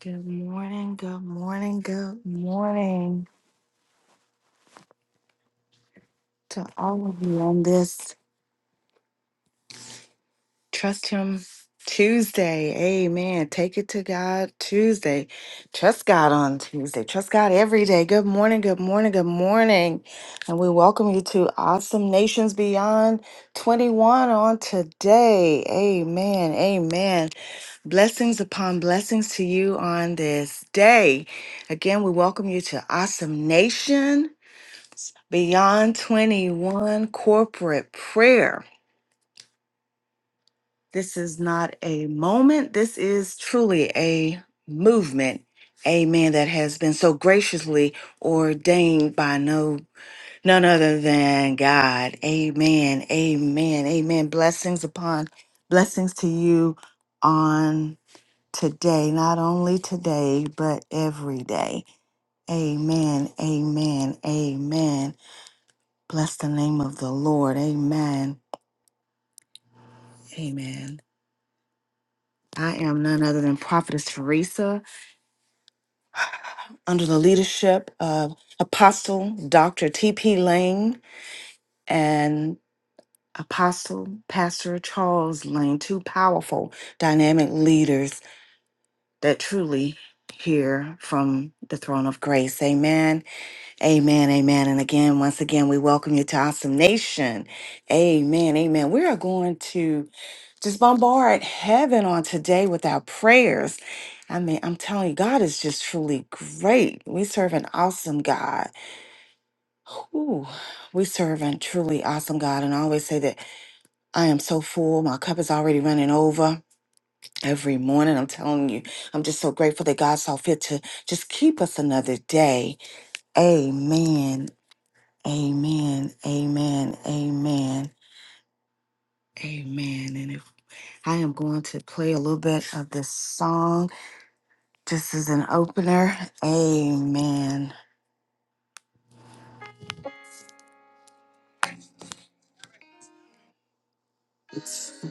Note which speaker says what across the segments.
Speaker 1: Good morning, good morning, good morning to all of you on this Trust Him Tuesday. Amen. Take it to God Tuesday. Trust God on Tuesday. Trust God every day. Good morning, good morning, good morning. And we welcome you to Awesome Nations Beyond 21 on today. Amen. Amen. Blessings upon blessings to you on this day. Again, we welcome you to Awesome Nation. Beyond 21 corporate prayer. This is not a moment. This is truly a movement. Amen. That has been so graciously ordained by no none other than God. Amen. Amen. Amen. Blessings upon blessings to you on today, not only today, but every day. Amen. Amen. Amen. Bless the name of the Lord. Amen. Amen. I am none other than Prophetess Teresa under the leadership of Apostle Dr. T.P. Lane and Apostle Pastor Charles Lane, two powerful, dynamic leaders that truly hear from the throne of grace. Amen. Amen. Amen. And again, once again, we welcome you to Awesome Nation. Amen. Amen. We are going to. just bombard heaven on today with our prayers. I mean, I'm telling you, God is just truly great. We serve an awesome God. Ooh, we serve a truly awesome God. And I always say that I am so full. My cup is already running over every morning. I'm telling you, I'm just so grateful that God saw fit to just keep us another day. Amen. Amen. Amen. Amen. Amen. And if I am going to play a little bit of this song Just as an opener, amen. It's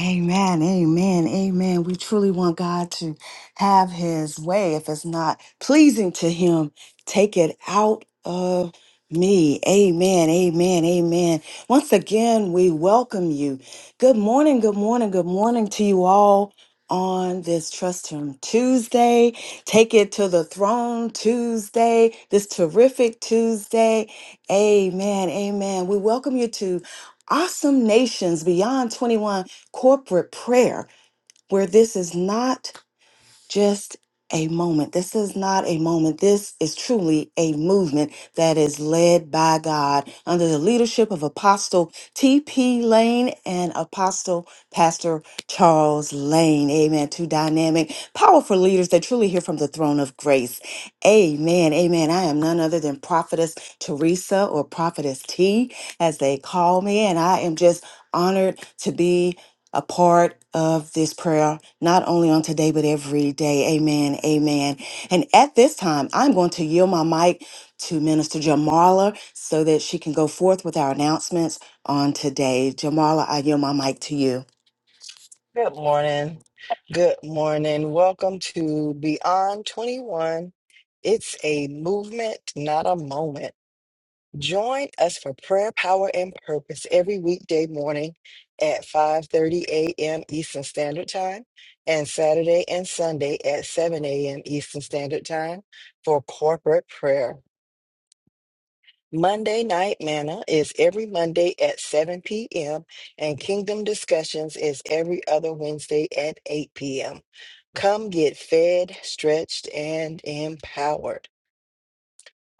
Speaker 1: Amen, amen, amen. We truly want God to have his way. If it's not pleasing to him, take it out of me. Amen, amen, amen. Once again, we welcome you. Good morning, good morning, good morning to you all on this Trust Him Tuesday. Take it to the throne Tuesday, this terrific Tuesday. Amen, amen. We welcome you to Awesome Nations Beyond 21 corporate prayer where this is not just a moment. This is not a moment. This is truly a movement that is led by God under the leadership of Apostle T.P. Lane and Apostle Pastor Charles Lane. Amen. Two dynamic, powerful leaders that truly hear from the throne of grace. Amen. Amen. I am none other than Prophetess Teresa or Prophetess T, as they call me, and I am just honored to be a part of this prayer, not only on today, but every day. Amen. Amen. And at this time, I'm going to yield my mic to Minister Jamala so that she can go forth with our announcements on today. Jamala, I yield my mic to you.
Speaker 2: Good morning. Good morning. Welcome to Beyond 21. It's a movement, not a moment. Join us for prayer, power, and purpose every weekday morning at 5:30 a.m. Eastern Standard Time and Saturday and Sunday at 7 a.m. Eastern Standard Time for corporate prayer. Monday Night Manna is every Monday at 7 p.m., and Kingdom Discussions is every other Wednesday at 8 p.m. Come get fed, stretched, and empowered.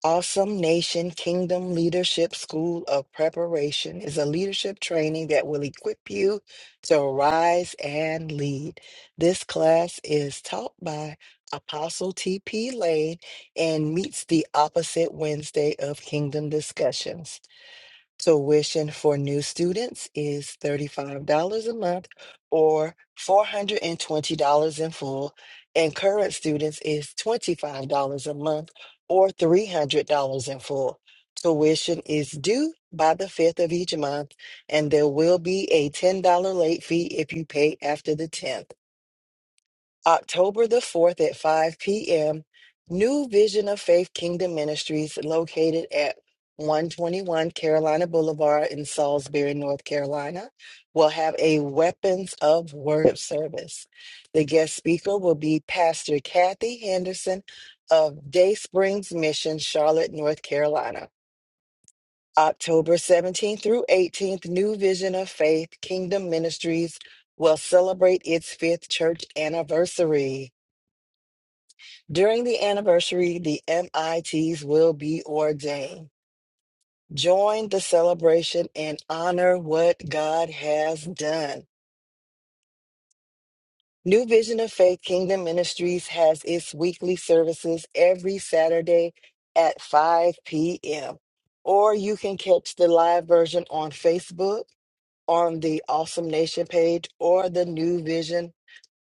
Speaker 2: Awesome Nation Kingdom Leadership School of Preparation is a leadership training that will equip you to rise and lead. This class is taught by Apostle T.P. Lane and meets the opposite Wednesday of Kingdom Discussions. Tuition for new students is $35 a month or $420 in full, and current students is $25 a month or $300 in full. Tuition is due by the 5th of each month, and there will be a $10 late fee if you pay after the 10th. October the 4th at 5 p.m., New Vision of Faith Kingdom Ministries, located at 121 Carolina Boulevard in Salisbury, North Carolina, will have a Weapons of Worship service. The guest speaker will be Pastor Kathy Henderson of Day Springs Mission, Charlotte, North Carolina. October 17th through 18th, New Vision of Faith Kingdom Ministries will celebrate its fifth church anniversary. During the anniversary, the MITs will be ordained. Join the celebration and honor what God has done. New Vision of Faith Kingdom Ministries has its weekly services every Saturday at 5 p.m. Or you can catch the live version on Facebook on the Awesome Nation page or the New Vision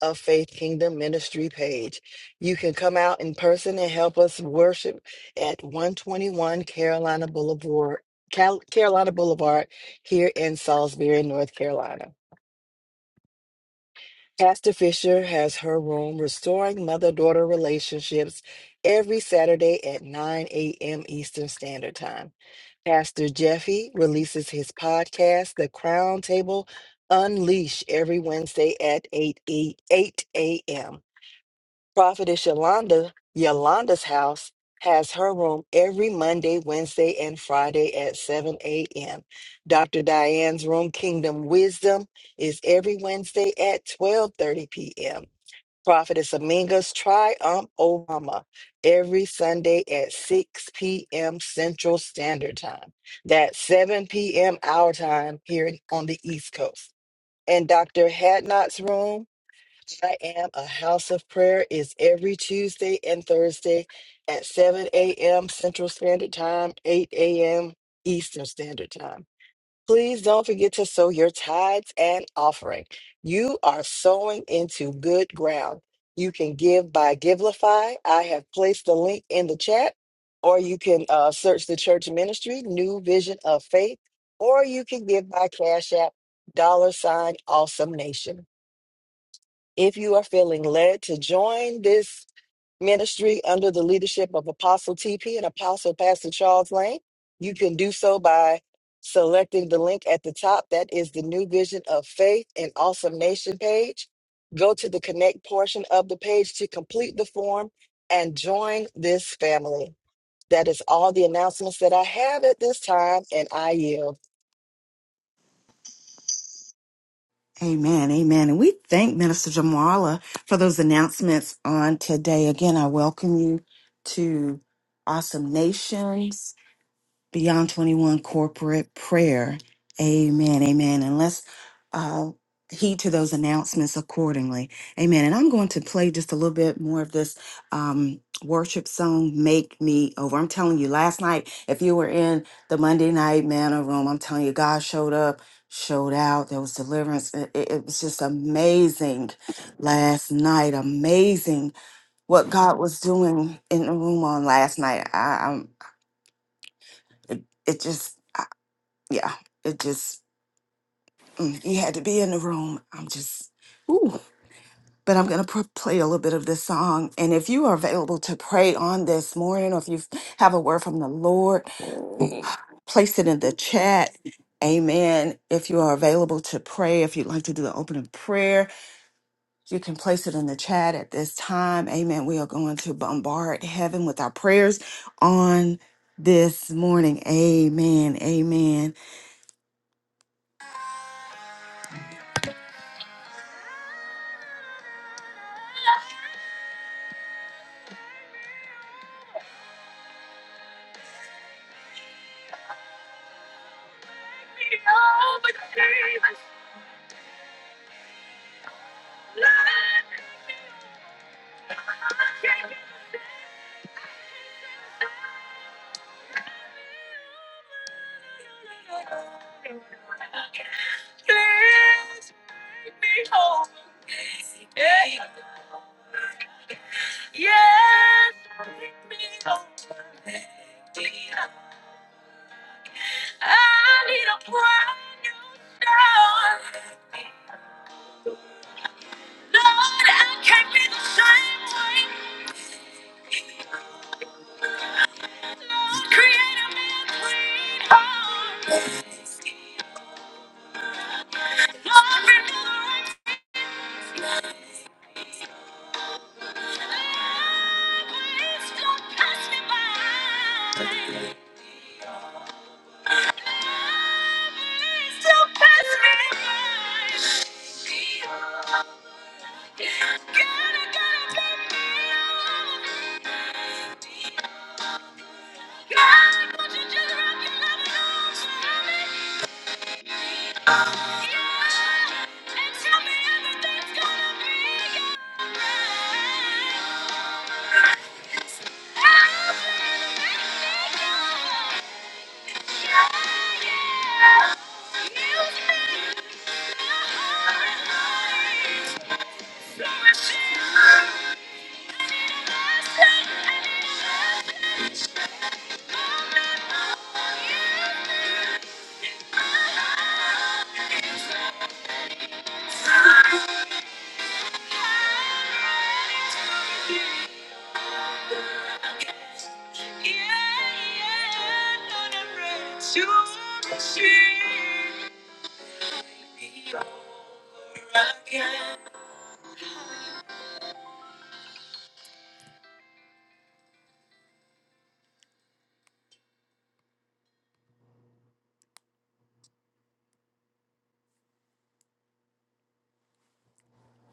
Speaker 2: of Faith Kingdom Ministry page. You can come out in person and help us worship at 121 Carolina Boulevard, Cal- Carolina Boulevard here in Salisbury, North Carolina. Pastor Fisher has her room, Restoring Mother Daughter Relationships, every Saturday at 9 a.m. Eastern Standard Time. Pastor Jeffy releases his podcast, The Crown Table Unleash, every Wednesday at 8, 8, 8 a.m. Prophetess Yolanda, Yolanda's house, has her room every Monday, Wednesday, and Friday at 7 a.m. Dr. Diane's room, Kingdom Wisdom, is every Wednesday at 12:30 p.m. Prophetess Aminga's Triumph Obama every Sunday at 6 p.m. Central Standard Time. That's 7 p.m. our time here in- on the East Coast. And Dr. Hadnot's room, I Am a House of Prayer, is every Tuesday and Thursday at 7 a.m. Central Standard Time, 8 a.m. Eastern Standard Time. Please don't forget to sow your tithes and offering. You are sowing into good ground. You can give by Givelify. I have placed the link in the chat, or you can uh, search the church ministry, New Vision of Faith, or you can give by Cash App, dollar sign Awesome Nation. If you are feeling led to join this ministry under the leadership of Apostle TP and Apostle Pastor Charles Lane. You can do so by selecting the link at the top. That is the New Vision of Faith and Awesome Nation page. Go to the connect portion of the page to complete the form and join this family. That is all the announcements that I have at this time, and I yield.
Speaker 1: Amen. Amen. And we thank Minister Jamala for those announcements on today. Again, I welcome you to Awesome Nations. Beyond 21 corporate prayer. Amen. Amen. And let's uh, heed to those announcements accordingly. Amen. And I'm going to play just a little bit more of this um, worship song, Make Me Over. I'm telling you, last night, if you were in the Monday night manna room, I'm telling you, God showed up, showed out. There was deliverance. It, it it was just amazing last night. Amazing what God was doing in the room on last night. I, I'm, it, it just yeah, it just mm, you had to be in the room. I'm just ooh, but I'm gonna pr- play a little bit of this song, and if you are available to pray on this morning, or if you have a word from the Lord, place it in the chat. Amen. If you are available to pray, if you'd like to do the opening prayer, you can place it in the chat at this time. Amen. We are going to bombard heaven with our prayers on this morning. Amen. Amen.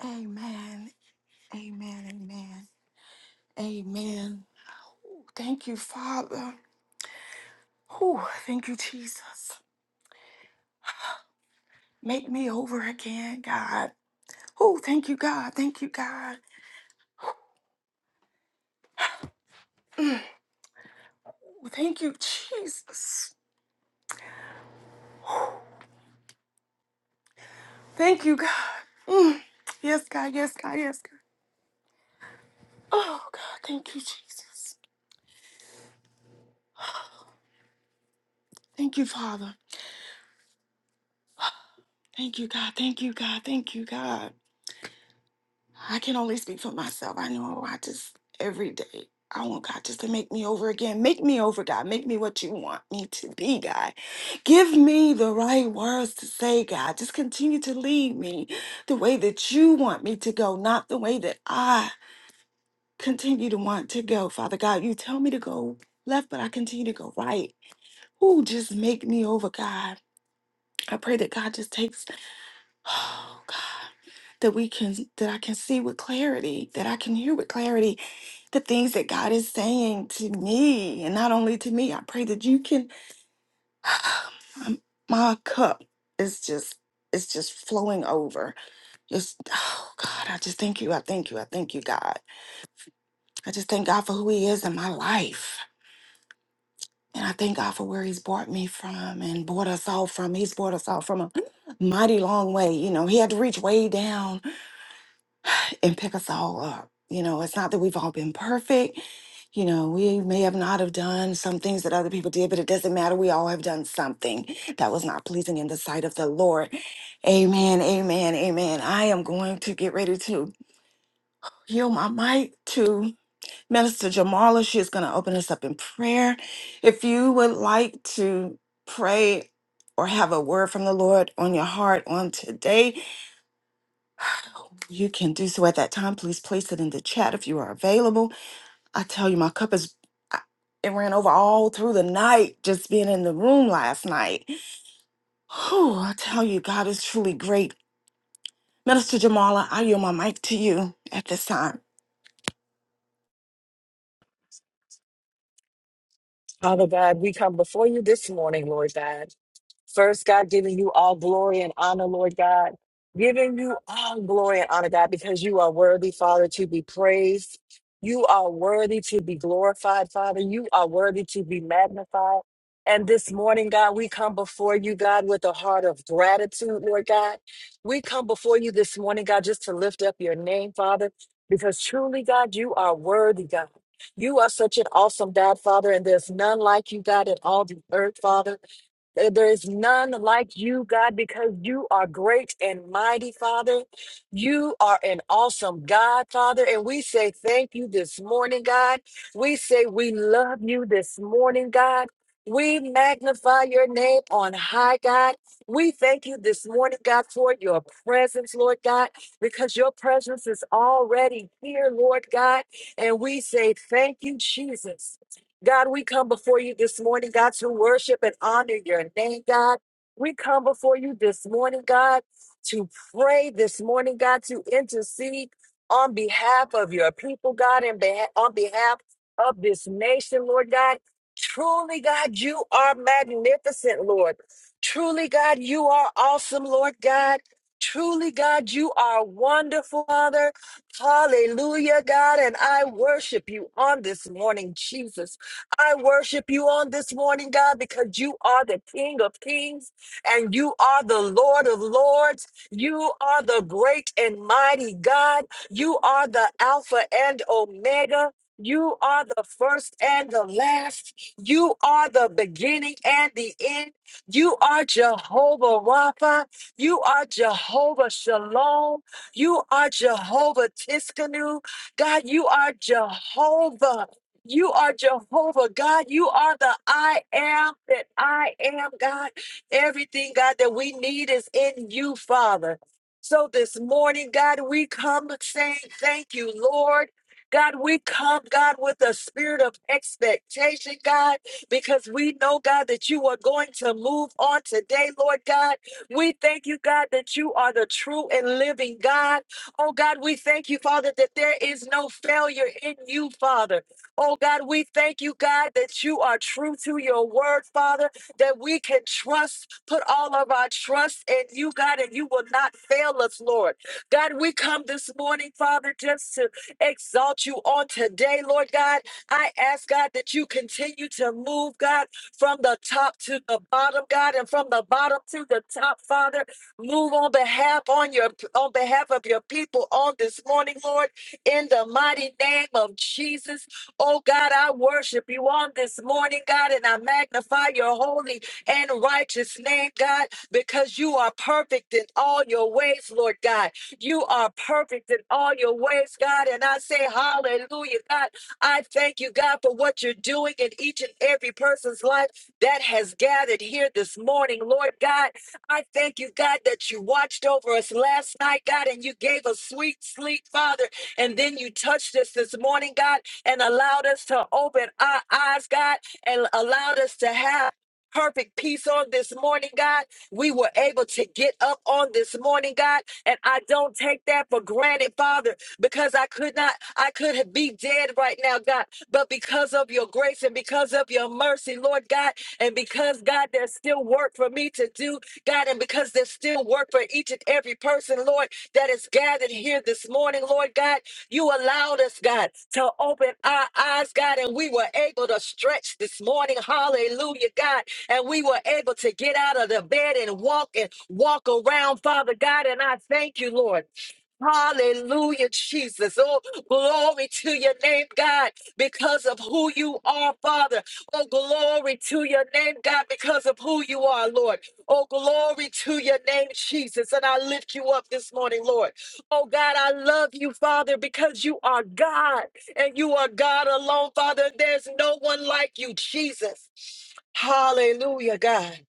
Speaker 1: Amen. Amen. Amen. Amen. Thank you, Father. Whew, thank you, Jesus. Make me over again, God. Oh, thank you, God. Thank you, God. Thank you, Jesus. Thank you, God. Mm. Yes, God. Yes, God. Yes, God. Oh, God. Thank you, Jesus. Thank you, Father. Thank you, God. Thank you, God. Thank you, God. I can only speak for myself. I know I just every day. I want God just to make me over again. Make me over, God. Make me what you want me to be, God. Give me the right words to say, God. Just continue to lead me the way that you want me to go, not the way that I continue to want to go. Father God, you tell me to go left, but I continue to go right. Ooh, just make me over, God. I pray that God just takes, oh, God. that we can that I can see with clarity, that I can hear with clarity the things that God is saying to me and not only to me. I pray that you can my my cup is just it's just flowing over. Just oh God, I just thank you. I thank you. I thank you, God. I just thank God for who he is in my life. And I thank God for where he's brought me from and brought us all from. He's brought us all from a mighty long way. You know, he had to reach way down and pick us all up. You know, it's not that we've all been perfect. You know, we may have not have done some things that other people did, but it doesn't matter. We all have done something that was not pleasing in the sight of the Lord. Amen. Amen. Amen. I am going to get ready to heal my mic to Minister Jamala. She is going to open us up in prayer. If you would like to pray or have a word from the Lord on your heart on today, you can do so at that time. Please place it in the chat if you are available. I tell you, my cup is, I- it ran over all through the night just being in the room last night. Whew, I tell you, God is truly great. Minister Jamala, I yield my mic to you at this time.
Speaker 2: Father God, we come before you this morning, Lord God. First, God, giving you all glory and honor, Lord God. Giving you all glory and honor, God, because you are worthy, Father, to be praised. You are worthy to be glorified, Father. You are worthy to be magnified. And this morning, God, we come before you, God, with a heart of gratitude, Lord God. We come before you this morning, God, just to lift up your name, Father, because truly, God, you are worthy, God. You are such an awesome God, Father, and there's none like you, God, in all the earth, Father. Uh, There is none like you, God, because you are great and mighty, Father. You are an awesome God, Father. And we say thank you this morning, God. We say we love you this morning, God. We magnify your name on high, God. We thank you this morning, God, for your presence, Lord God, because your presence is already here, Lord God. And we say, Thank you, Jesus. God, we come before you this morning, God, to worship and honor your name, God. We come before you this morning, God, to pray this morning, God, to intercede on behalf of your people, God, and beha- on behalf of this nation, Lord God. Truly, God, you are magnificent, Lord. Truly, God, you are awesome, Lord God. Truly, God, you are wonderful, Father. Hallelujah, God. And I worship you on this morning, Jesus. I worship you on this morning, God, because you are the King of Kings and you are the Lord of Lords. You are the great and mighty God. You are the Alpha and Omega. You are the first and the last. You are the beginning and the end. You are Jehovah Rapha. You are Jehovah Shalom. You are Jehovah Tiskanu. God, you are Jehovah. You are Jehovah, God. You are the I am that I am, God. Everything, God, that we need is in you, Father. So this morning, God, we come saying thank you, Lord. God, we come, God, with a spirit of expectation, God, because we know, God, that you are going to move on today, Lord God. We thank you, God, that you are the true and living God. Oh, God, we thank you, Father, that there is no failure in you, Father. Oh, God, we thank you, God, that you are true to your word, Father, that we can trust, put all of our trust in you, God, and you will not fail us, Lord. God, we come this morning, Father, just to exalt you on today, Lord God. I ask, God, that you continue to move, God from the top to the bottom, God, and from the bottom to the top, Father. Move on behalf on your on behalf of your people on this morning, Lord, in the mighty name of Jesus. Oh God, I worship you on this morning, God, and I magnify your holy and righteous name, God, because you are perfect in all your ways, Lord God. You are perfect in all your ways, God, and I say hallelujah, God. I thank you, God, for what you're doing in each and every person's life that has gathered here this morning, Lord God. I thank you, God, that you watched over us last night, God, and you gave us sweet sleep, Father. And then you touched us this morning, God, and allowed us to open our eyes, God, and allowed us to have. Perfect peace on this morning, God. We were able to get up on this morning, God, and I don't take that for granted, Father because I could not, I could have- be dead right now, God. But because of your grace and because of your mercy, Lord God, and because, God, there's still work for me to do, God, and because there's still work for each and every person, Lord, that is gathered here this morning, Lord God, you allowed us, God, to open our eyes, God, and we were able to stretch this morning. Hallelujah, God. And we were able to get out of the bed and walk and walk around, Father God. And I thank you, Lord. Hallelujah, Jesus. Oh, glory to your name, God, because of who you are, Father. Oh, glory to your name, God, because of who you are, Lord. Oh, glory to your name, Jesus. And I lift you up this morning, Lord. Oh, God, I love you, Father, because you are God and you are God alone, Father. There's no one like you, Jesus. Hallelujah, God.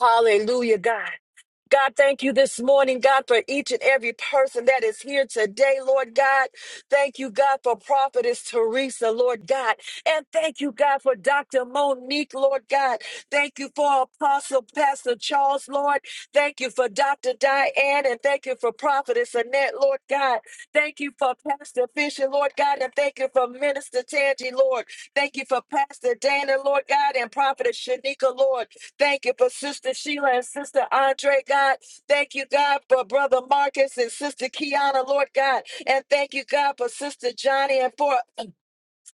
Speaker 2: Hallelujah, God. God, thank you this morning, God, for each and every person that is here today, Lord God. Thank you, God, for Prophetess Teresa, Lord God. And thank you, God, for Dr. Monique, Lord God. Thank you for Apostle Pastor Charles, Lord. Thank you for Dr. Diane, and thank you for Prophetess Annette, Lord God. Thank you for Pastor Fisher, Lord God, and thank you for Minister Tangi, Lord. Thank you for Pastor Dana, Lord God, and Prophetess Shanika, Lord. Thank you for Sister Sheila and Sister Andre, God. Thank you, God, for Brother Marcus and Sister Kiana, Lord God. And thank you, God, for Sister Johnny and for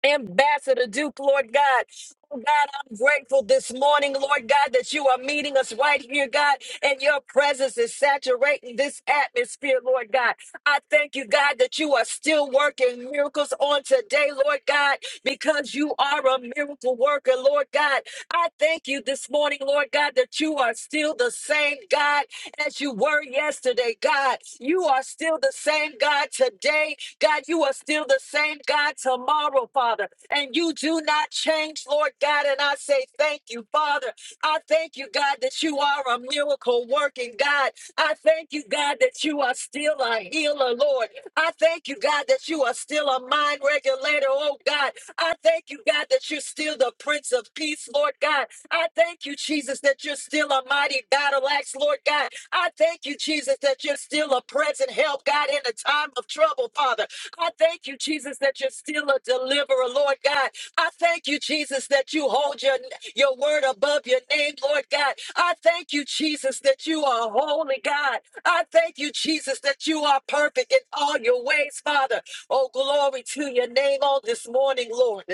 Speaker 2: Ambassador Duke, Lord God. Oh God, I'm grateful this morning, Lord God, that you are meeting us right here, God, and your presence is saturating this atmosphere, Lord God. I thank you, God, that you are still working miracles on today, Lord God, because you are a miracle worker, Lord God. I thank you this morning, Lord God, that you are still the same God as you were yesterday, God. You are still the same God today God, you are still the same God tomorrow, Father, and you do not change, Lord God. And I say thank you, Father. I thank you, God, that you are a miracle working God. I thank you, God, that you are still a healer, Lord. I thank you, God, that you are still a mind regulator, oh God. I thank you, God, that you're still the Prince of Peace, Lord God. I thank you, Jesus, that you're still a mighty battle axe, Lord God. I thank you, Jesus, that you're still a present help, God, in a time of trouble, Father. I thank you, Jesus, that you're still a deliverer, Lord God. I thank you, Jesus, that you hold your, your word above your name, Lord God. I thank you, Jesus, that you are holy, God. I thank you, Jesus, that you are perfect in all your ways, Father. Oh, glory to your name on this morning, Lord.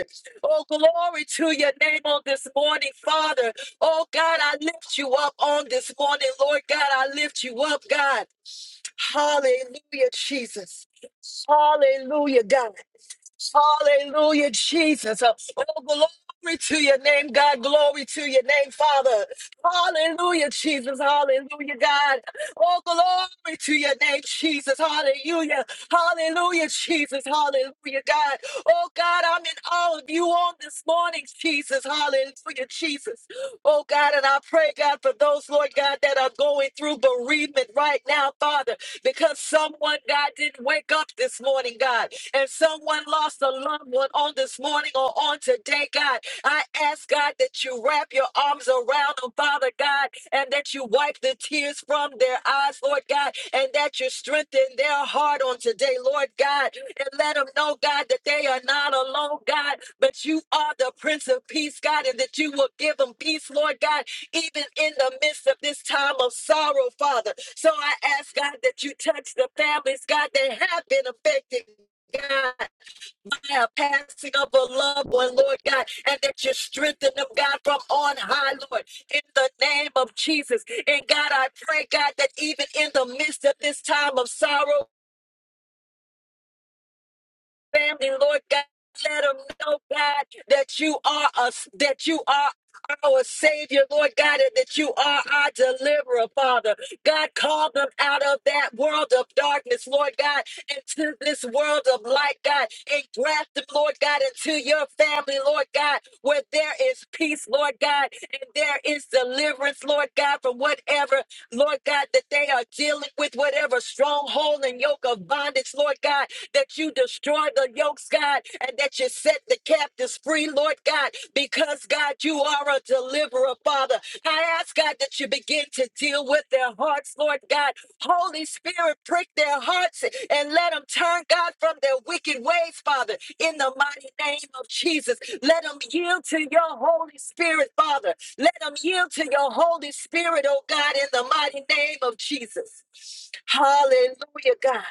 Speaker 2: Oh, glory to your name on this morning, Father. Oh, God, I lift you up on this morning, Lord God. I lift you up, God. Hallelujah, Jesus. Hallelujah, God. Hallelujah, Jesus. Uh, Oh, glory to your name, God. Glory to your name, Father. Hallelujah, Jesus. Hallelujah, God. Oh, glory to your name, Jesus. Hallelujah. Hallelujah, Jesus. Hallelujah, God. Oh, God, I'm in awe of you on this morning, Jesus. Hallelujah, Jesus. Oh, God, and I pray, God, for those, Lord God, that are going through bereavement right now, Father, because someone, God, didn't wake up this morning, God and someone lost a loved one on this morning or on today, God, I ask God that you wrap your arms around them, Father God, and that you wipe the tears from their eyes, Lord God, and that you strengthen their heart on today, Lord God, and let them know, God, that they are not alone, God, but you are the Prince of Peace, God, and that you will give them peace, Lord God, even in the midst of this time of sorrow, Father. So I ask, God, that you touch the families, God, that have been affected, God, by a passing of a loved one, Lord God, and that you strengthen them, God, from on high, Lord, in the name of Jesus. And God, I pray, God, that even in the midst of this time of sorrow, family, Lord God. Let them know, God, that you are us, that you are our Savior, Lord God, and that you are our deliverer, Father. God, call them out of that world of darkness, Lord God, into this world of light, God, and graft them, Lord God, into your family, Lord God, where there is peace, Lord God, and there is deliverance, Lord God, from whatever, Lord God, that they are dealing with, whatever stronghold and yoke of bondage, Lord God that you destroy the yokes, God, and that you set the captives free, Lord God, because, God, you are a deliverer, Father. I ask, God, that you begin to deal with their hearts, Lord God. Holy Spirit, prick their hearts and let them turn, God, from their wicked ways, Father, in the mighty name of Jesus. Let them yield to your Holy Spirit, Father. Let them yield to your Holy Spirit, oh God, in the mighty name of Jesus. Hallelujah, God.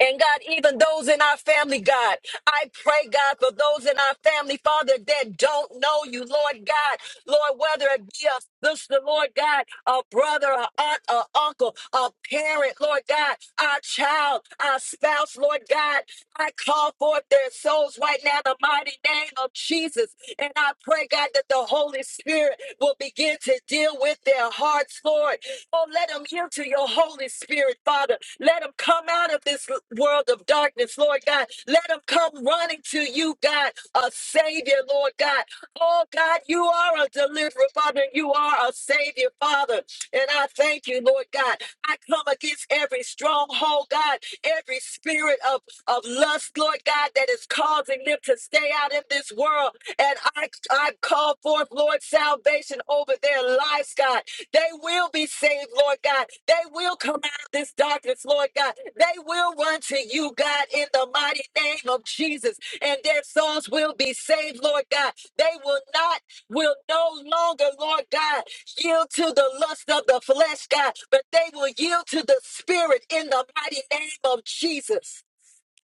Speaker 2: And God, even those in our family, God, I pray, God, for those in our family, Father, that don't know you, Lord God, Lord, whether it be a sister, Lord God, a brother, a aunt, a uncle, a parent, Lord God, our child, our spouse, Lord God, I call forth their souls right now in the mighty name of Jesus. And I pray, God, that the Holy Spirit will begin to deal with their hearts, Lord. Oh, let them yield to your Holy Spirit, Father. Let them come out of this l- world of darkness, Lord God. Let them come running to you, God, a Savior, Lord God. Oh, God, you are a deliverer, Father. and You are a Savior, Father. And I thank you, Lord God. I come against every stronghold, God, every spirit of, of lust, Lord God, that is causing them to stay out in this world. And I, I call forth, Lord, salvation over their lives, God. They will be saved, Lord God. They will come this darkness, Lord God. They will run to you, God, in the mighty name of Jesus, and their souls will be saved, Lord God. They will not, will no longer, Lord God, yield to the lust of the flesh, God, but they will yield to the Spirit in the mighty name of Jesus.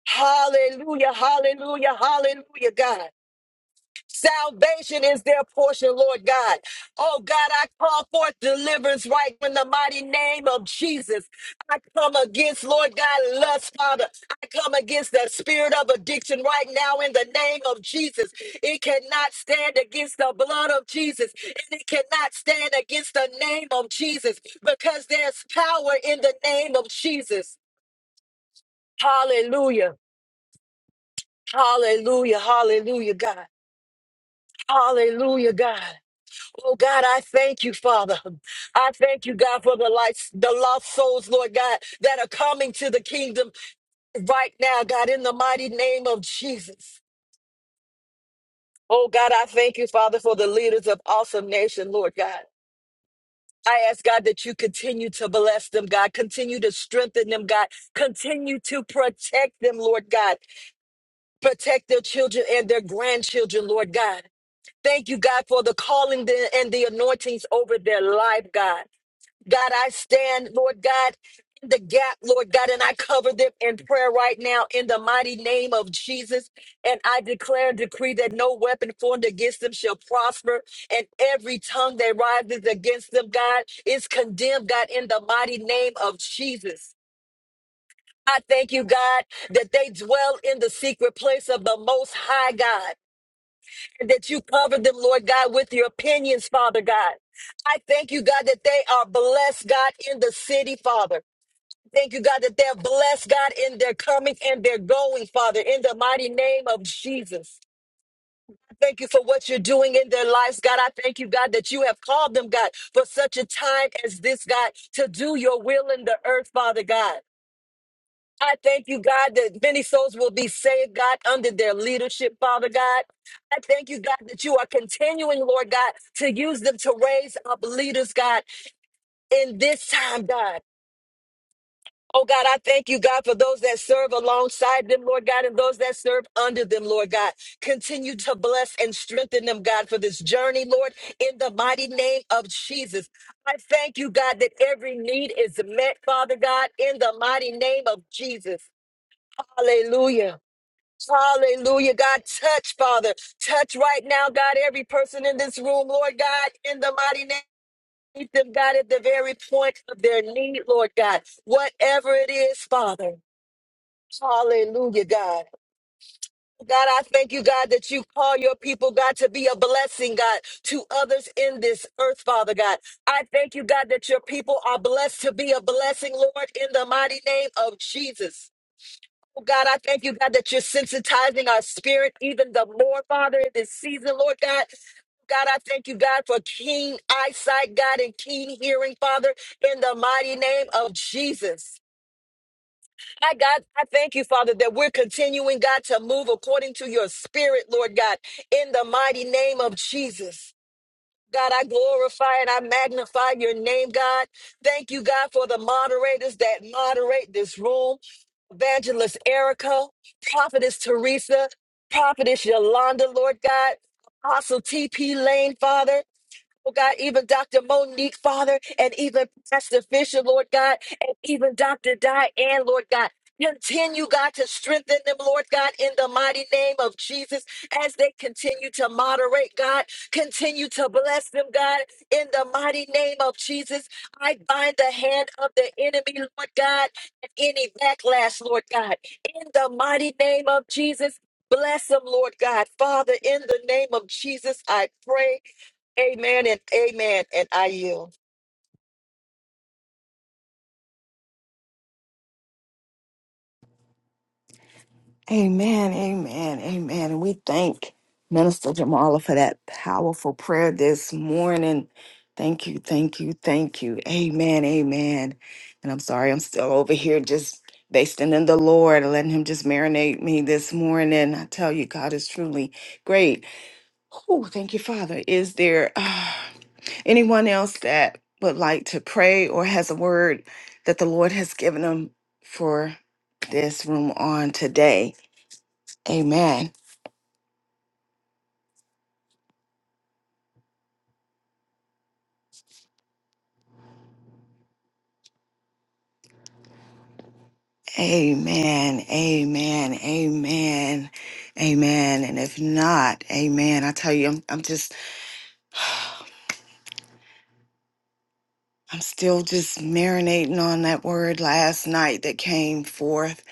Speaker 2: Hallelujah, hallelujah, hallelujah, God. Salvation is their portion, Lord God. Oh God, I call forth deliverance right in the mighty name of Jesus. I come against, Lord God, lust, Father. I come against the spirit of addiction right now in the name of Jesus. It cannot stand against the blood of Jesus, and it cannot stand against the name of Jesus because there's power in the name of Jesus. Hallelujah. Hallelujah. Hallelujah, God. Hallelujah, God. Oh God, I thank you, Father. I thank you, God, for the lights, the lost souls, Lord God, that are coming to the kingdom right now, God, in the mighty name of Jesus. Oh God, I thank you, Father, for the leaders of awesome nation, Lord God. I ask God that you continue to bless them, God. Continue to strengthen them, God. Continue to protect them, Lord God. Protect their children and their grandchildren, Lord God. Thank you, God, for the calling and the anointings over their life, God. God, I stand, Lord God, in the gap, Lord God, and I cover them in prayer right now in the mighty name of Jesus. And I declare and decree that no weapon formed against them shall prosper, and every tongue that rises against them, God, is condemned, God, in the mighty name of Jesus. I thank you, God, that they dwell in the secret place of the Most High God that you cover them, Lord God, with your opinions, Father God. I thank you, God, that they are blessed, God, in the city, Father. Thank you, God, that they're blessed, God, in their coming and their going, Father, in the mighty name of Jesus. Thank you for what you're doing in their lives, God. I thank you, God, that you have called them, God, for such a time as this, God, to do your will in the earth, Father God. I thank you, God, that many souls will be saved, God, under their leadership, Father God. I thank you, God, that you are continuing, Lord God, to use them to raise up leaders, God, in this time, God. Oh God, I thank you, God, for those that serve alongside them, Lord God, and those that serve under them, Lord God. Continue to bless and strengthen them, God, for this journey, Lord, in the mighty name of Jesus. I thank you, God, that every need is met, Father God, in the mighty name of Jesus. Hallelujah. Hallelujah, God. Touch, Father. Touch right now, God, every person in this room, Lord God, in the mighty name. Meet them, God, at the very point of their need, Lord God. Whatever it is, Father. Hallelujah, God. God, I thank you, God, that you call your people, God, to be a blessing, God, to others in this earth, Father God. I thank you, God, that your people are blessed to be a blessing, Lord, in the mighty name of Jesus. Oh, God, I thank you, God, that you're sensitizing our spirit even the more, Father, in this season, Lord God. God, I thank you, God, for keen eyesight, God, and keen hearing, Father, in the mighty name of Jesus. My God, I thank you, Father, that we're continuing, God, to move according to your spirit, Lord God, in the mighty name of Jesus. God, I glorify and I magnify your name, God. Thank you, God, for the moderators that moderate this room. Evangelist Erica, Prophetess Teresa, Prophetess Yolanda, Lord God, Apostle TP Lane, Father. Oh God, even Dr. Monique, Father, and even Pastor Fisher, Lord God, and even Dr. Diane, Lord God. Continue, God, to strengthen them, Lord God, in the mighty name of Jesus, as they continue to moderate, God. Continue to bless them, God, in the mighty name of Jesus. I bind the hand of the enemy, Lord God, and any backlash, Lord God, in the mighty name of Jesus. Bless them, Lord God. Father, in the name of Jesus, I pray. Amen and amen. And I yield.
Speaker 1: Amen, amen, amen. And we thank Minister Jamala for that powerful prayer this morning. Thank you, thank you, thank you. Amen, amen. And I'm sorry, I'm still over here just basting in the Lord, letting Him just marinate me this morning. I tell you, God is truly great. Oh, thank you, Father. Is there uh, anyone else that would like to pray or has a word that the Lord has given them for this room on today? Amen. Amen. Amen. Amen. Amen. And if not, amen. I tell you, I'm, I'm just, I'm still just marinating on that word last night that came forth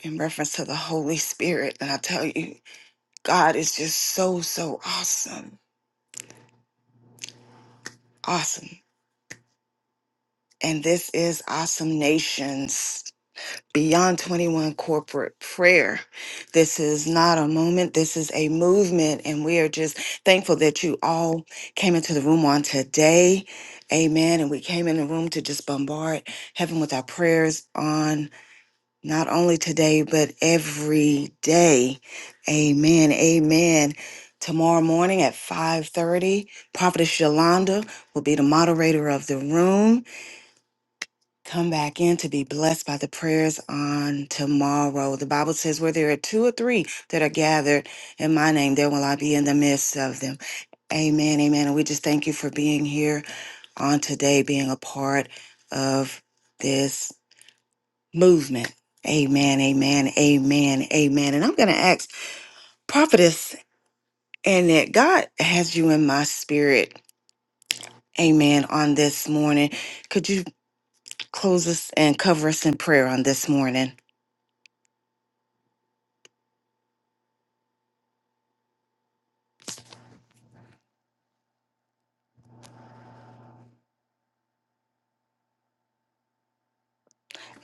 Speaker 1: in reference to the Holy Spirit. And I tell you, God is just so, so awesome. Awesome. And this is Awesome Nations. Beyond 21 corporate prayer. This is not a moment, this is a movement, and we are just thankful that you all came into the room on today. Amen. And we came in the room to just bombard heaven with our prayers on not only today, but every day. Amen. Amen. Tomorrow morning at 5:30, Prophetess Yolanda will be the moderator of the room. Come back in to be blessed by the prayers on tomorrow. The Bible says, Where there are two or three that are gathered in my name, there will I be in the midst of them. Amen. Amen. And we just thank you for being here on today, being a part of this movement. Amen. Amen. Amen. Amen. And I'm going to ask Prophetess and that God has you in my spirit. Amen. On this morning, could you close us and cover us in prayer on this morning?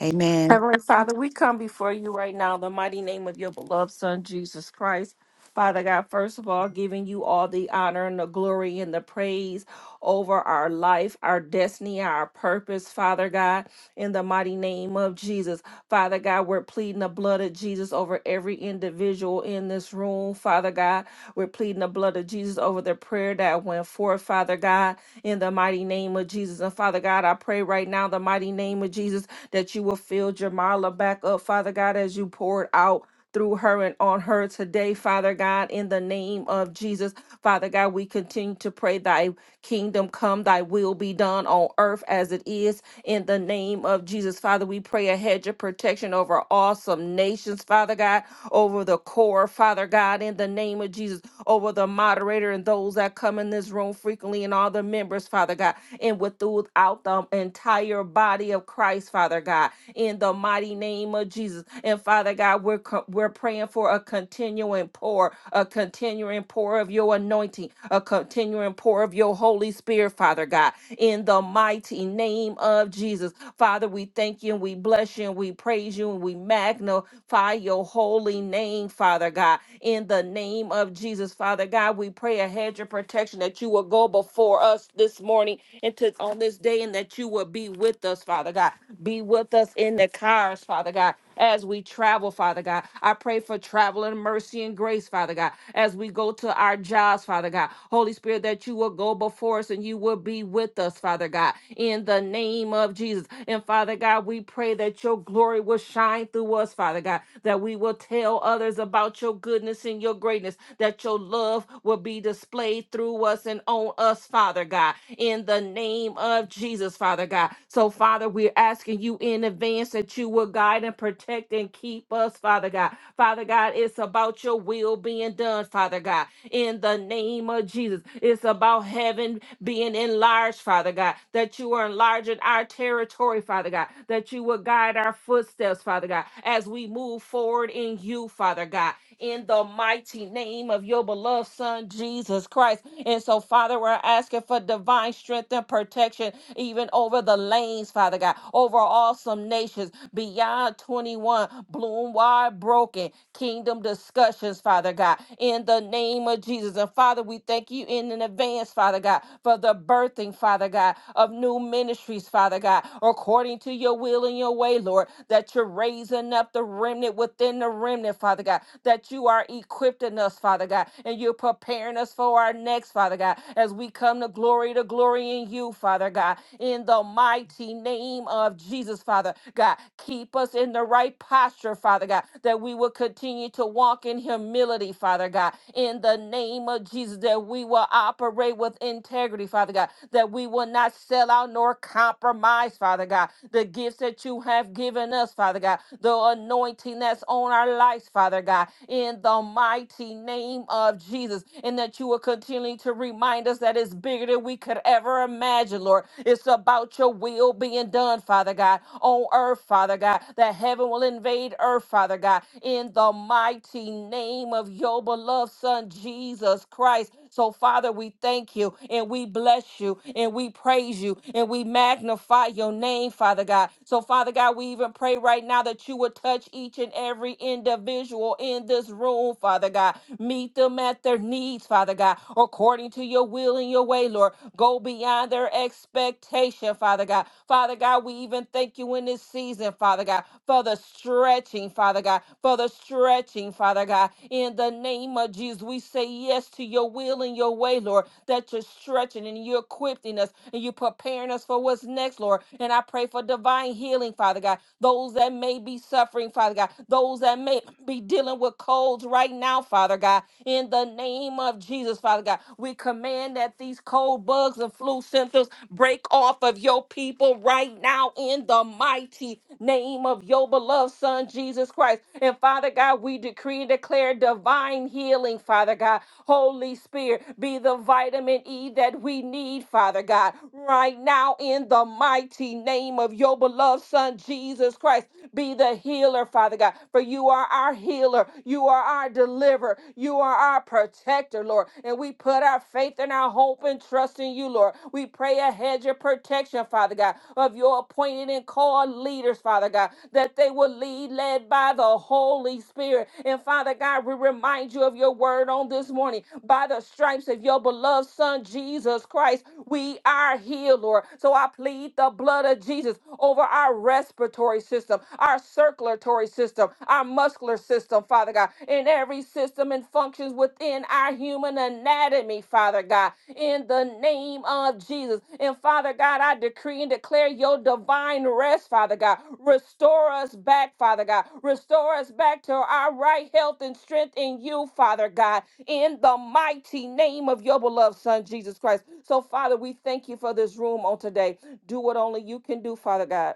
Speaker 1: Amen.
Speaker 3: Heavenly Father, we come before you right now in the mighty name of your beloved Son, Jesus Christ. Father God, first of all, giving you all the honor and the glory and the praise over our life, our destiny, our purpose, Father God, in the mighty name of Jesus. Father God, we're pleading the blood of Jesus over every individual in this room, Father God. We're pleading the blood of Jesus over the prayer that went forth, Father God, in the mighty name of Jesus. And Father God, I pray right now, in the mighty name of Jesus, that you will fill Jamala back up, Father God, as you poured out. Through her and on her today, Father God, in the name of Jesus. Father God, we continue to pray. thy. Kingdom come, thy will be done on earth as it is in the name of Jesus. Father, we pray a hedge of protection over awesome nations, Father God, over the core, Father God, in the name of Jesus, over the moderator and those that come in this room frequently and all the members, Father God, and with throughout the entire body of Christ, Father God, in the mighty name of Jesus. And Father God, we're co- we're praying for a continuing pour, a continuing pour of your anointing, a continuing pour of your of your Holy Spirit, Father God, in the mighty name of Jesus. Father, we thank you and we bless you and we praise you and we magnify your holy name, Father God. In the name of Jesus, Father God, we pray a hedge of protection that you will go before us this morning and to, on this day and that you will be with us, Father God. Be with us in the cars, Father God as we travel, Father God. I pray for traveling mercy and grace, Father God, as we go to our jobs, Father God. Holy Spirit, that you will go before us and you will be with us, Father God, in the name of Jesus. And Father God, we pray that your glory will shine through us, Father God, that we will tell others about your goodness and your greatness, that your love will be displayed through us and on us, Father God, in the name of Jesus, Father God. So, Father, we we're asking you in advance that you will guide and protect and keep us, Father God. Father God, it's about your will being done, Father God. In the name of Jesus, it's about heaven being enlarged, Father God, that you are enlarging our territory, Father God, that you will guide our footsteps, Father God, as we move forward in you, Father God in the mighty name of your beloved Son, Jesus Christ. And so, Father, we're asking for divine strength and protection, even over the lanes, Father God, over awesome nations, beyond 21, bloom wide broken, kingdom discussions, Father God, in the name of Jesus. And Father, we thank you in advance, Father God, for the birthing, Father God, of new ministries, Father God, according to your will and your way, Lord, that you're raising up the remnant remnant within the remnant, Father God, that you are equipping us, Father God, and you're preparing us for our next, Father God, as we come to glory to glory in you, Father God, in the mighty name of Jesus, Father God. Keep us in the right posture, Father God, that we will continue to walk in humility, Father God, in the name of Jesus, that we will operate with integrity, Father God, that we will not sell out nor compromise, Father God, the gifts that you have given us us, Father God, the anointing that's on our lives, Father God, in the mighty name of Jesus, and that you will continue to remind us that it's bigger than we could ever imagine, Lord. It's about your will being done, Father God, on earth, Father God, that heaven will invade earth, Father God, in the mighty name of your beloved Son, Jesus Christ. So, Father, we thank you and we bless you and we praise you and we magnify your name, Father. Father God. So, Father God, we even pray right now that you would touch each and every individual in this room, Father God. Meet them at their needs, Father God, according to your will and your way, Lord. Go beyond their expectation, Father God. Father God, we even thank you in this season, Father God, for the stretching, Father God, for the stretching, Father God. In the name of Jesus, we say yes to your will and your way, Lord, that you're stretching and you're equipping us and you're preparing preparing us for what's next, Lord. And I pray for divine healing, Father God. Those that may be suffering, Father God. Those that may be dealing with colds right now, Father God. In the name of Jesus, Father God, we command that these cold bugs and flu symptoms break off of your people right now in the mighty name of your beloved Son, Jesus Christ. And Father God, we decree and declare divine healing, Father God. Holy Spirit, be the vitamin E that we need need, Father God, right now in the mighty name of your beloved Son, Jesus Christ. Be the healer, Father God, for you are our healer. You are our deliverer. You are our protector, Lord. And we put our faith and our hope and trust in you, Lord. We pray a hedge of protection, Father God, of your appointed and called leaders, Father God, that they will lead led by the Holy Spirit. And Father God, we remind you of your word on this morning. By the stripes of of your beloved Son, Jesus Christ, we are healed, Lord. So I plead the blood of Jesus over our respiratory system, our circulatory system, our muscular system, Father God, in every system and functions within our human anatomy, Father God, in the name of Jesus. And Father God, I decree and declare your divine rest, Father God. Restore us back, Father God. Restore us back to our right health and strength in you, Father God in the mighty name of your beloved Son, Jesus Christ. So, Father, we thank you for this room on today. Do what only you can do, Father God.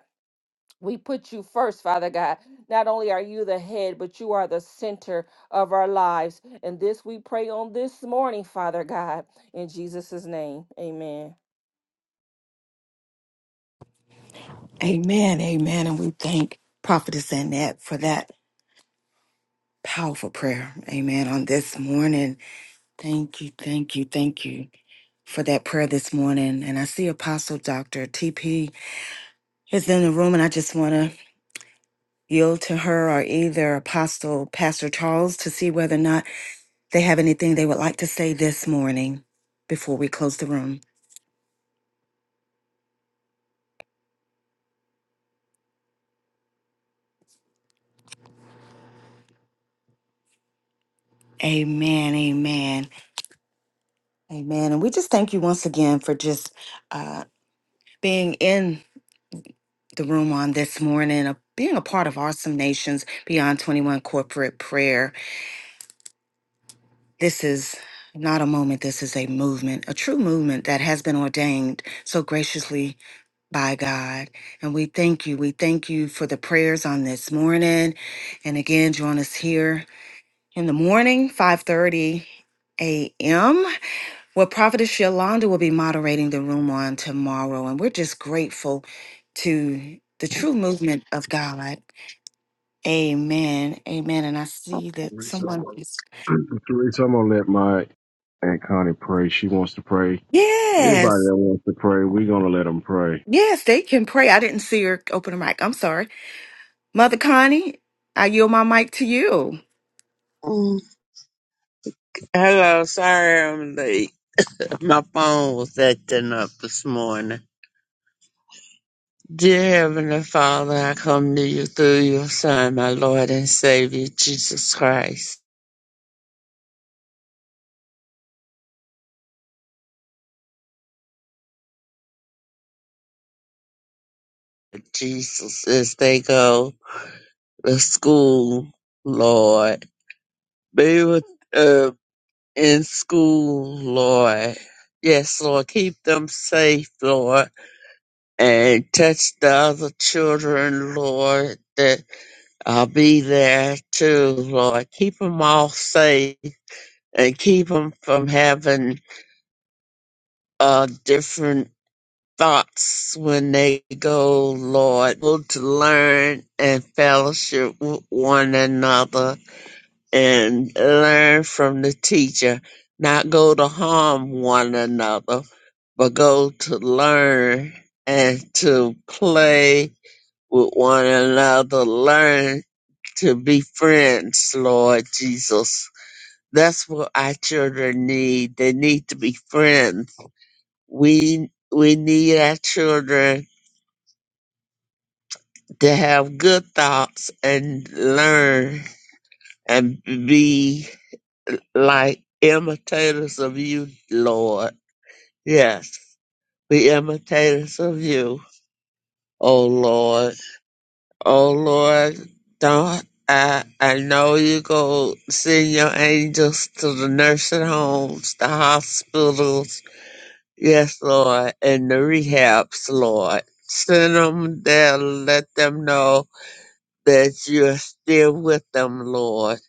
Speaker 3: We put you first, Father God. Not only are you the head, but you are the center of our lives. And this we pray on this morning, Father God. In Jesus' name, amen.
Speaker 1: Amen, amen. And we thank Prophetess Annette for that powerful prayer. Amen. On this morning, thank you, thank you, thank you for that prayer this morning. And I see Apostle Dr. TP is in the room, and I just want to yield to her or either Apostle Pastor Charles to see whether or not they have anything they would like to say this morning before we close the room. Amen, amen, amen. And we just thank you once again for just uh, being in. the room on this morning, of being a part of Awesome Nations Beyond 21 Corporate Prayer. This is not a moment, this is a movement, a true movement that has been ordained so graciously by God. And we thank you. We thank you for the prayers on this morning. And again, join us here in the morning, 530 a.m. where Prophetess Yolanda will be moderating the room on tomorrow. And we're just grateful to the true movement of God. Amen. Amen. And I see that
Speaker 4: Teresa, I'm
Speaker 1: someone is.
Speaker 4: gonna Teresa, I'm gonna let my Aunt Connie pray. She wants to pray. Anybody
Speaker 1: Yes.
Speaker 4: that wants to pray, we're gonna let them pray.
Speaker 1: Yes, they can pray. I didn't see her open her mic. I'm sorry. Mother Connie, I yield my mic to you.
Speaker 5: Mm. Hello, sorry I'm late. My phone was acting up this morning. Dear Heavenly Father, I come to you through your Son, my Lord and Savior, Jesus Christ. Jesus, as they go to school, Lord, be with uh, in school, Lord. Yes, Lord, keep them safe, Lord. and touch the other children, Lord, that I'll be there too, Lord. Keep them all safe and keep them from having uh, different thoughts when they go, Lord. Able to learn and fellowship with one another and learn from the teacher, not go to harm one another, but go to learn and to play with one another. Learn to be friends, Lord Jesus. That's what our children need. They need to be friends. We we need our children to have good thoughts and learn and be like imitators of you, Lord. Yes, be imitators of you, oh Lord. Oh Lord, don't I I know you go send your angels to the nursing homes, the hospitals, yes, Lord, and the rehabs, Lord. Send them there, let them know that you're still with them, Lord,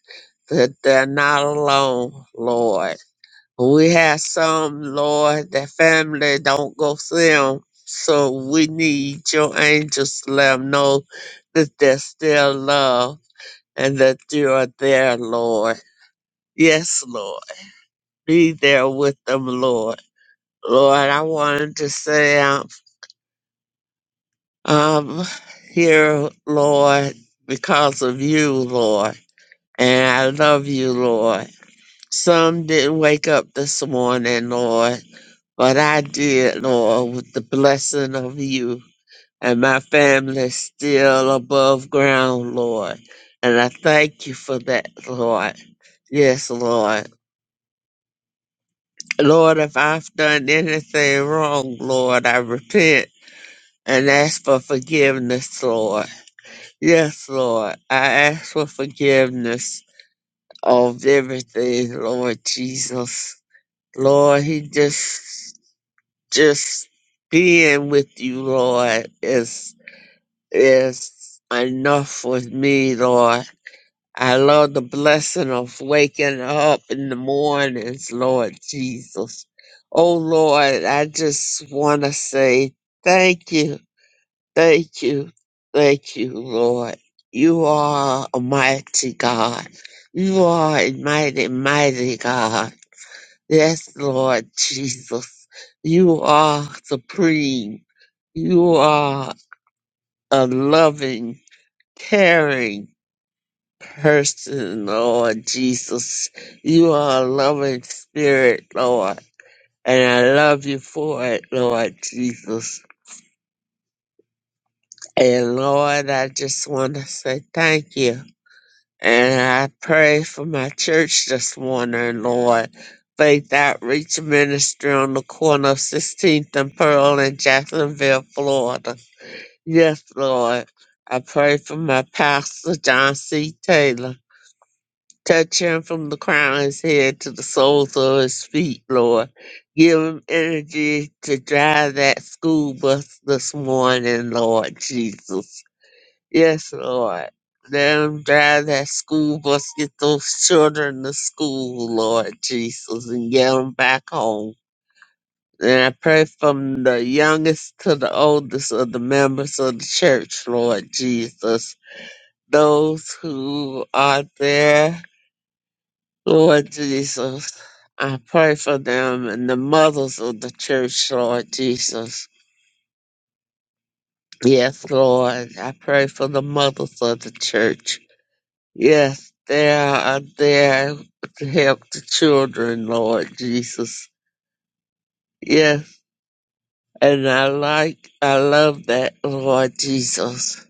Speaker 5: that they're not alone, Lord. We have some, Lord, that family don't go see them. So we need your angels to let them know that they're still loved and that you are there, Lord. Yes, Lord. Be there with them, Lord. Lord, I wanted to say I'm, I'm here, Lord, because of you, Lord. And I love you, Lord. Some didn't wake up this morning, Lord But I did, Lord, with the blessing of you. And my family is still above ground, Lord. And I thank you for that, Lord. Yes, Lord. Lord, if I've done anything wrong, Lord, I repent and ask for forgiveness, Lord. Yes, Lord. I ask for forgiveness of everything, Lord Jesus. Lord, he just, just being with you, Lord, is is enough with me, Lord. I love the blessing of waking up in the mornings, Lord Jesus. Oh, Lord, I just want to say thank you, thank you, thank you, Lord. You are a mighty God. You are a mighty, mighty God. Yes, Lord Jesus. You are supreme. You are a loving, caring, person, Lord Jesus. You are a loving spirit, Lord. And I love you for it, Lord Jesus. And Lord, I just want to say thank you. And I pray for my church this morning, Lord. Faith Outreach Ministry on the corner of 16th and Pearl in Jacksonville, Florida. Yes, Lord. I pray for my pastor, John C. Taylor. Touch him from the crown of his head to the soles of his feet, Lord. Give him energy to drive that school bus this morning, Lord Jesus. Yes, Lord. Let him drive that school bus, get those children to school, Lord Jesus, and get them back home. And I pray from the youngest to the oldest of the members of the church, Lord Jesus. Those who are there Lord Jesus, I pray for them and the mothers of the church, Lord Jesus. Yes, Lord, I pray for the mothers of the church. Yes, they are there to help the children, Lord Jesus. Yes, and I like, I love that, Lord Jesus.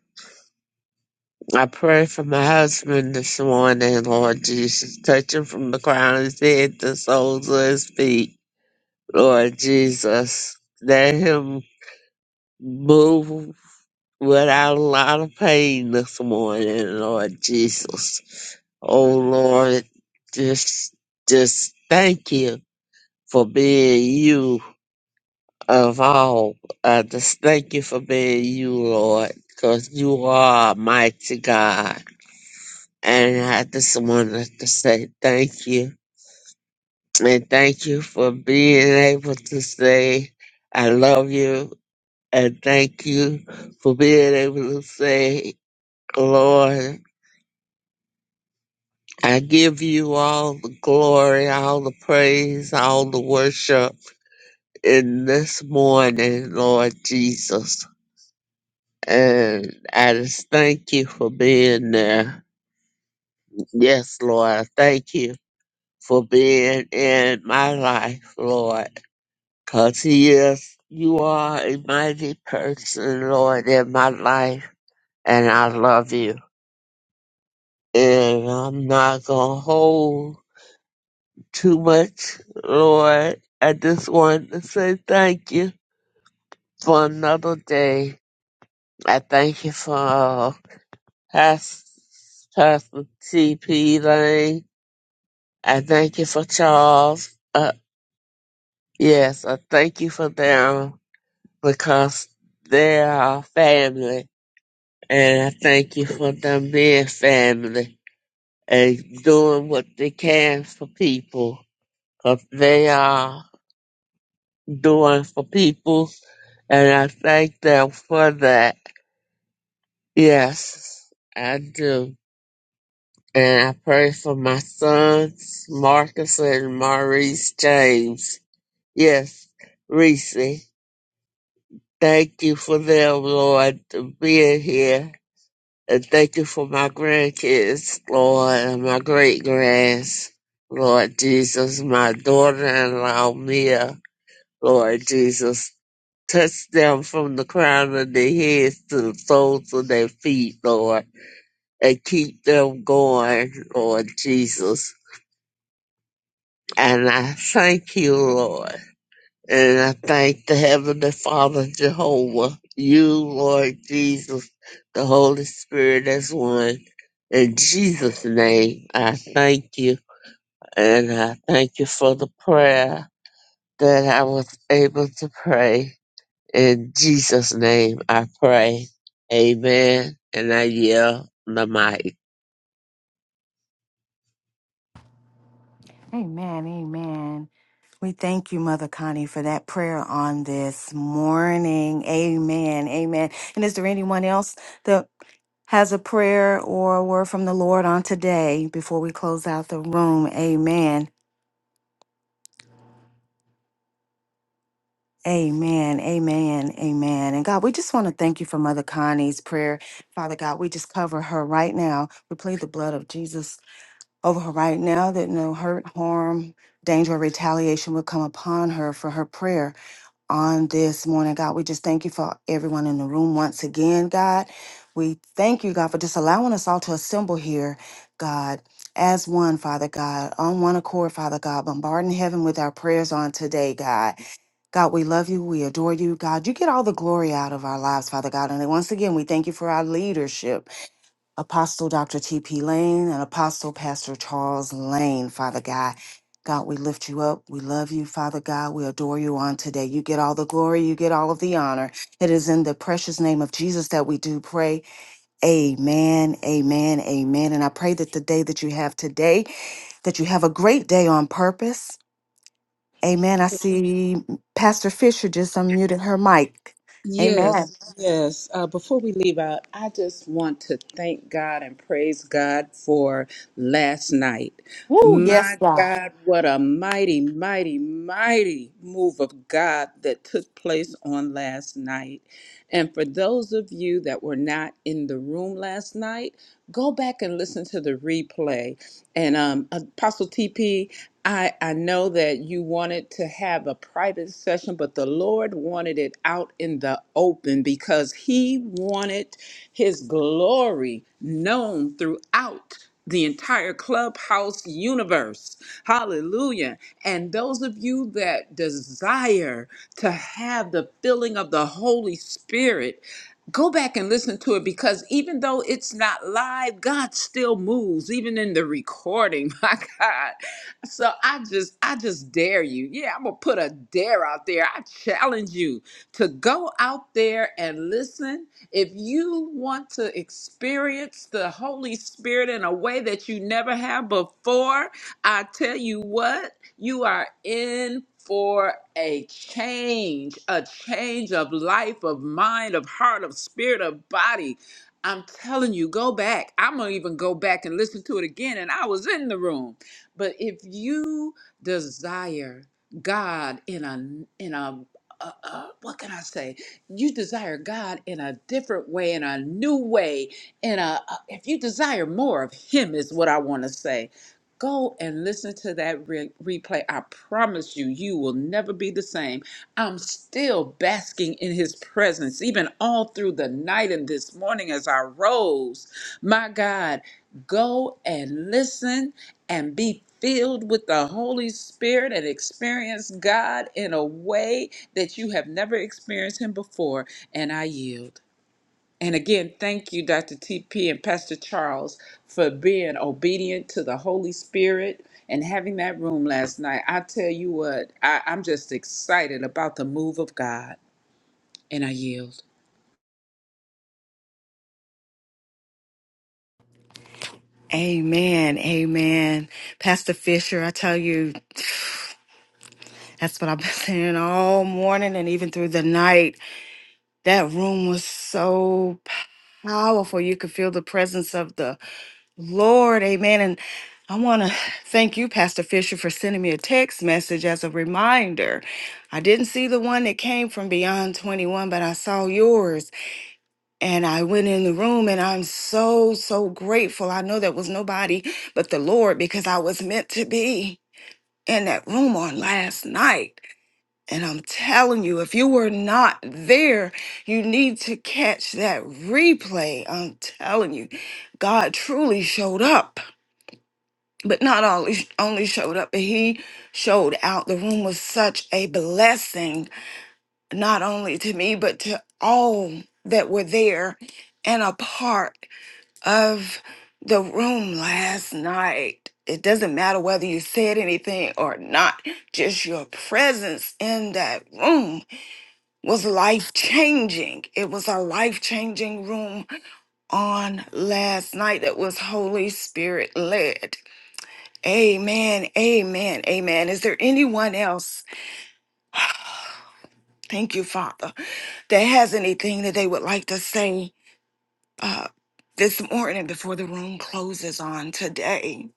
Speaker 5: I pray for my husband this morning, Lord Jesus. Touch him from the crown of his head to the soles of his feet, Lord Jesus. Let him Move without a lot of pain this morning, Lord Jesus. Oh Lord, just just thank you for being you of all. I just thank you for being you, Lord, because you are a mighty God. And I just wanted to say thank you. And thank you for being able to say I love you and thank you for being able to say Lord, I give you all the glory, all the praise, all the worship in this morning, Lord Jesus. And I just thank you for being there. Yes, Lord, I thank you for being in my life, Lord. Because He is, you are a mighty person, Lord, in my life. And I love you. And I'm not going to hold too much, Lord. I just want to say thank you for another day. I thank you for uh, Pas- Pastor T.P. Lane. I thank you for Charles. Uh, yes, I thank you for them because they are family. And I thank you for them being family and doing what they can for people. 'Cause they are doing for people And I thank them for that. Yes, I do. And I pray for my sons, Marcus and Maurice James. Yes, Reese. Thank you for them, Lord, being here. And thank you for my grandkids, Lord, and my great grands. Lord Jesus, my daughter in law, Mia, Lord Jesus. Touch them from the crown of their heads to the soles of their feet, Lord, and keep them going, Lord Jesus. And I thank you, Lord. And I thank the Heavenly Father, Jehovah, you, Lord Jesus, the Holy Spirit as one. In Jesus' name, I thank you. And I thank you for the prayer that I was able to pray. In Jesus' name I pray. Amen. And I yield the mic.
Speaker 1: Amen. Amen. We thank you, Mother Connie, for that prayer on this morning. Amen. Amen. And is there anyone else that has a prayer or a word from the Lord on today before we close out the room? Amen. Amen, amen, amen. And God, we just want to thank you for Mother Connie's prayer. Father God, we just cover her right now. We plead the blood of Jesus over her right now that no hurt, harm, danger, or retaliation would come upon her for her prayer on this morning, God. We just thank you for everyone in the room once again, God. We thank you, God, for just allowing us all to assemble here, God, as one, Father God, on one accord, Father God, bombarding heaven with our prayers on today, God. God, we love you. We adore you. God, you get all the glory out of our lives, Father God. And once again, we thank you for our leadership. Apostle Dr. T.P. Lane and Apostle Pastor Charles Lane, Father God. God, we lift you up. We love you, Father God. We adore you on today. You get all the glory. You get all of the honor. It is in the precious name of Jesus that we do pray. Amen, amen, amen. And I pray that the day that you have today, that you have a great day on purpose. Amen. I see Pastor Fisher just unmuted her mic. Amen.
Speaker 6: Yes, yes. Uh, before we leave out, I just want to thank God and praise God for last night.
Speaker 1: Woo, yes,
Speaker 6: My
Speaker 1: God.
Speaker 6: God, what a mighty, mighty, mighty move of God that took place on last night. And for those of you that were not in the room last night, go back and listen to the replay. And um, Apostle TP, I, I know that you wanted to have a private session, but the Lord wanted it out in the open because He wanted His glory known throughout the entire clubhouse universe. Hallelujah. And those of you that desire to have the filling of the Holy Spirit, go back and listen to it because even though it's not live, God still moves, even in the recording. My God. So I just, I just dare you. Yeah, I'm gonna put a dare out there. I challenge you to go out there and listen. If you want to experience the Holy Spirit in a way that you never have before, I tell you what. You are in for a change, a change of life, of mind, of heart, of spirit, of body. I'm telling you, go back. I'm going to even go back and listen to it again. And I was in the room. But if you desire God in a, in a, uh, uh, what can I say? You desire God in a different way, in a new way, in a. If you desire more of Him, is what I want to say Go and listen to that re- replay. I promise you, you will never be the same. I'm still basking in his presence, even all through the night and this morning as I rose. My God, go and listen and be filled with the Holy Spirit and experience God in a way that you have never experienced him before. And I yield. And again, thank you, Dr. TP and Pastor Charles, for being obedient to the Holy Spirit and having that room last night. I tell you what, I, I'm just excited about the move of God, and I yield.
Speaker 1: Amen. Amen. Pastor Fisher, I tell you, that's what I've been saying all morning and even through the night. That room was so powerful. You could feel the presence of the Lord. Amen. And I want to thank you, Pastor Fisher, for sending me a text message as a reminder. I didn't see the one that came from Beyond 21, but I saw yours. And I went in the room and I'm so, so grateful. I know there was nobody but the Lord because I was meant to be in that room on last night. And I'm telling you, if you were not there, you need to catch that replay. I'm telling you, God truly showed up, but not only, only showed up, but He showed out. The room was such a blessing, not only to me, but to all that were there and a part of the room last night. It doesn't matter whether you said anything or not, just your presence in that room was life changing. It was a life changing room on last night that was Holy Spirit led. Amen, amen, amen. Is there anyone else? Thank you, Father, that has anything that they would like to say uh, this morning before the room closes on today?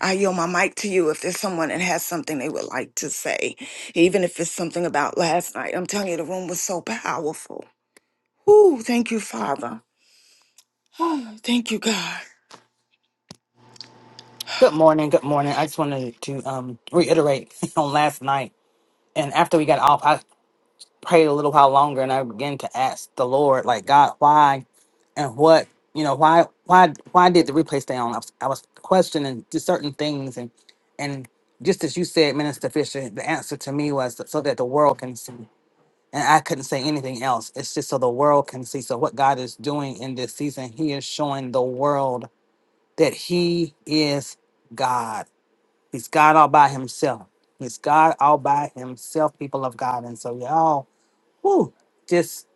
Speaker 1: I yield my mic to you if there's someone that has something they would like to say, even if it's something about last night. I'm telling you, the room was so powerful. Ooh, thank you, Father. Oh, thank you, God.
Speaker 7: Good morning. Good morning. I just wanted to um, reiterate on last night. And after we got off, I prayed a little while longer and I began to ask the Lord, like, God, why and what, you know, why, why, why did the replay stay on? I was, I was questioning just certain things. And, and just as you said, Minister Fisher, the answer to me was so that the world can see. And I couldn't say anything else. It's just so the world can see. So what God is doing in this season, He is showing the world that He is God. He's God all by himself. He's God all by himself, people of God. And so y'all, whoo, just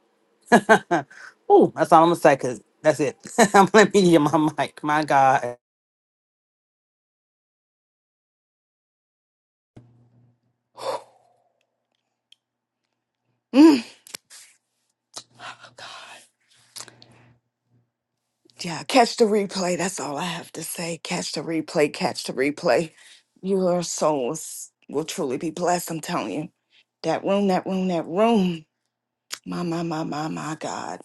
Speaker 7: whoo, that's all I'm gonna say, cause that's it. I'm gonna be on my mic. My God.
Speaker 1: Mm. Yeah, catch the replay. That's all I have to say. Catch the replay, catch the replay. Your souls will truly be blessed, I'm telling you. That room, that room, that room. My, my, my, my, my God.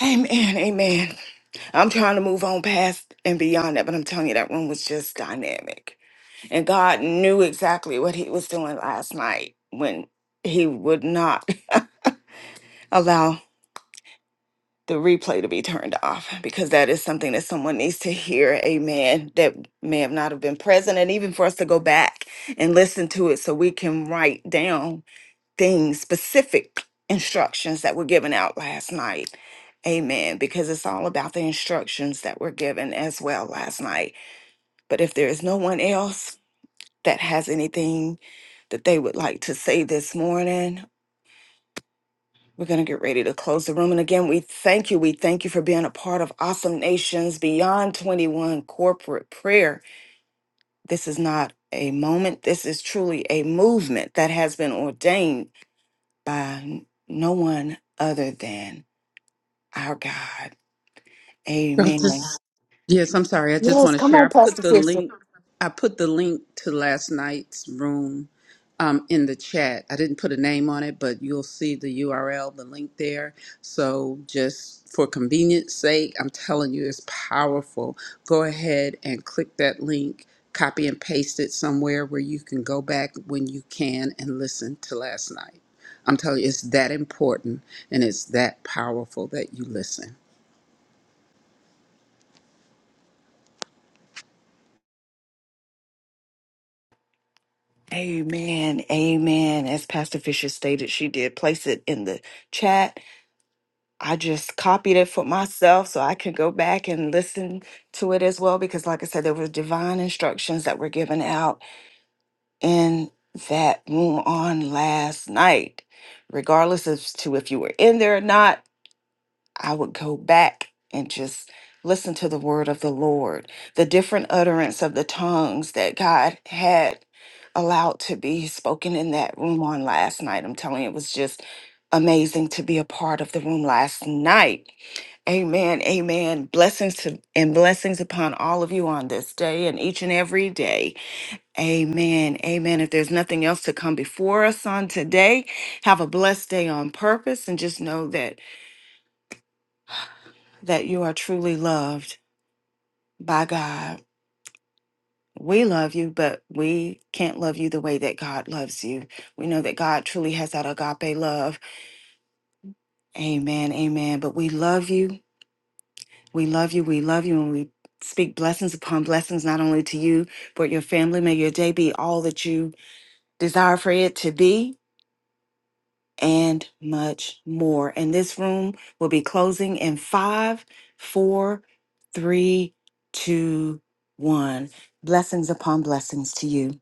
Speaker 1: Amen, amen. I'm trying to move on past and beyond that, but I'm telling you, that room was just dynamic And God knew exactly what he was doing last night when he would not allow the replay to be turned off because that is something that someone needs to hear. Amen. That may have not have been present and even for us to go back and listen to it so we can write down things specific instructions that were given out last night. Amen. Because it's all about the instructions that were given as well last night. But if there is no one else, that has anything that they would like to say this morning. We're going to get ready to close the room. And again, we thank you. We thank you for being a part of Awesome Nations Beyond 21 corporate prayer. This is not a moment, this is truly a movement that has been ordained by no one other than our God. Amen.
Speaker 6: Yes, I'm sorry. I just want to share. I put the link. I put the link to last night's room um, in the chat. I didn't put a name on it, but you'll see the URL, the link there. So just for convenience sake, I'm telling you, it's powerful. Go ahead and click that link, copy and paste it somewhere where you can go back when you can and listen to last night. I'm telling you, it's that important and it's that powerful that you listen.
Speaker 1: Amen. Amen. As Pastor Fisher stated, she did place it in the chat. I just copied it for myself so I can go back and listen to it as well. Because, like I said, there were divine instructions that were given out in that room on last night. Regardless as to if you were in there or not, I would go back and just listen to the word of the Lord, the different utterance of the tongues that God had allowed to be spoken in that room on last night. I'm telling you, it was just amazing to be a part of the room last night Amen. Amen. Blessings to, and blessings upon all of you on this day and each and every day. Amen. Amen. If there's nothing else to come before us on today, have a blessed day on purpose and just know that that you are truly loved by God. We love you, but we can't love you the way that God loves you. We know that God truly has that agape love. Amen. Amen. But we love you. We love you. We love you. And we speak blessings upon blessings, not only to you, but your family. May your day be all that you desire for it to be and much more. And this room will be closing in five, four, three, two, one. Blessings upon blessings to you.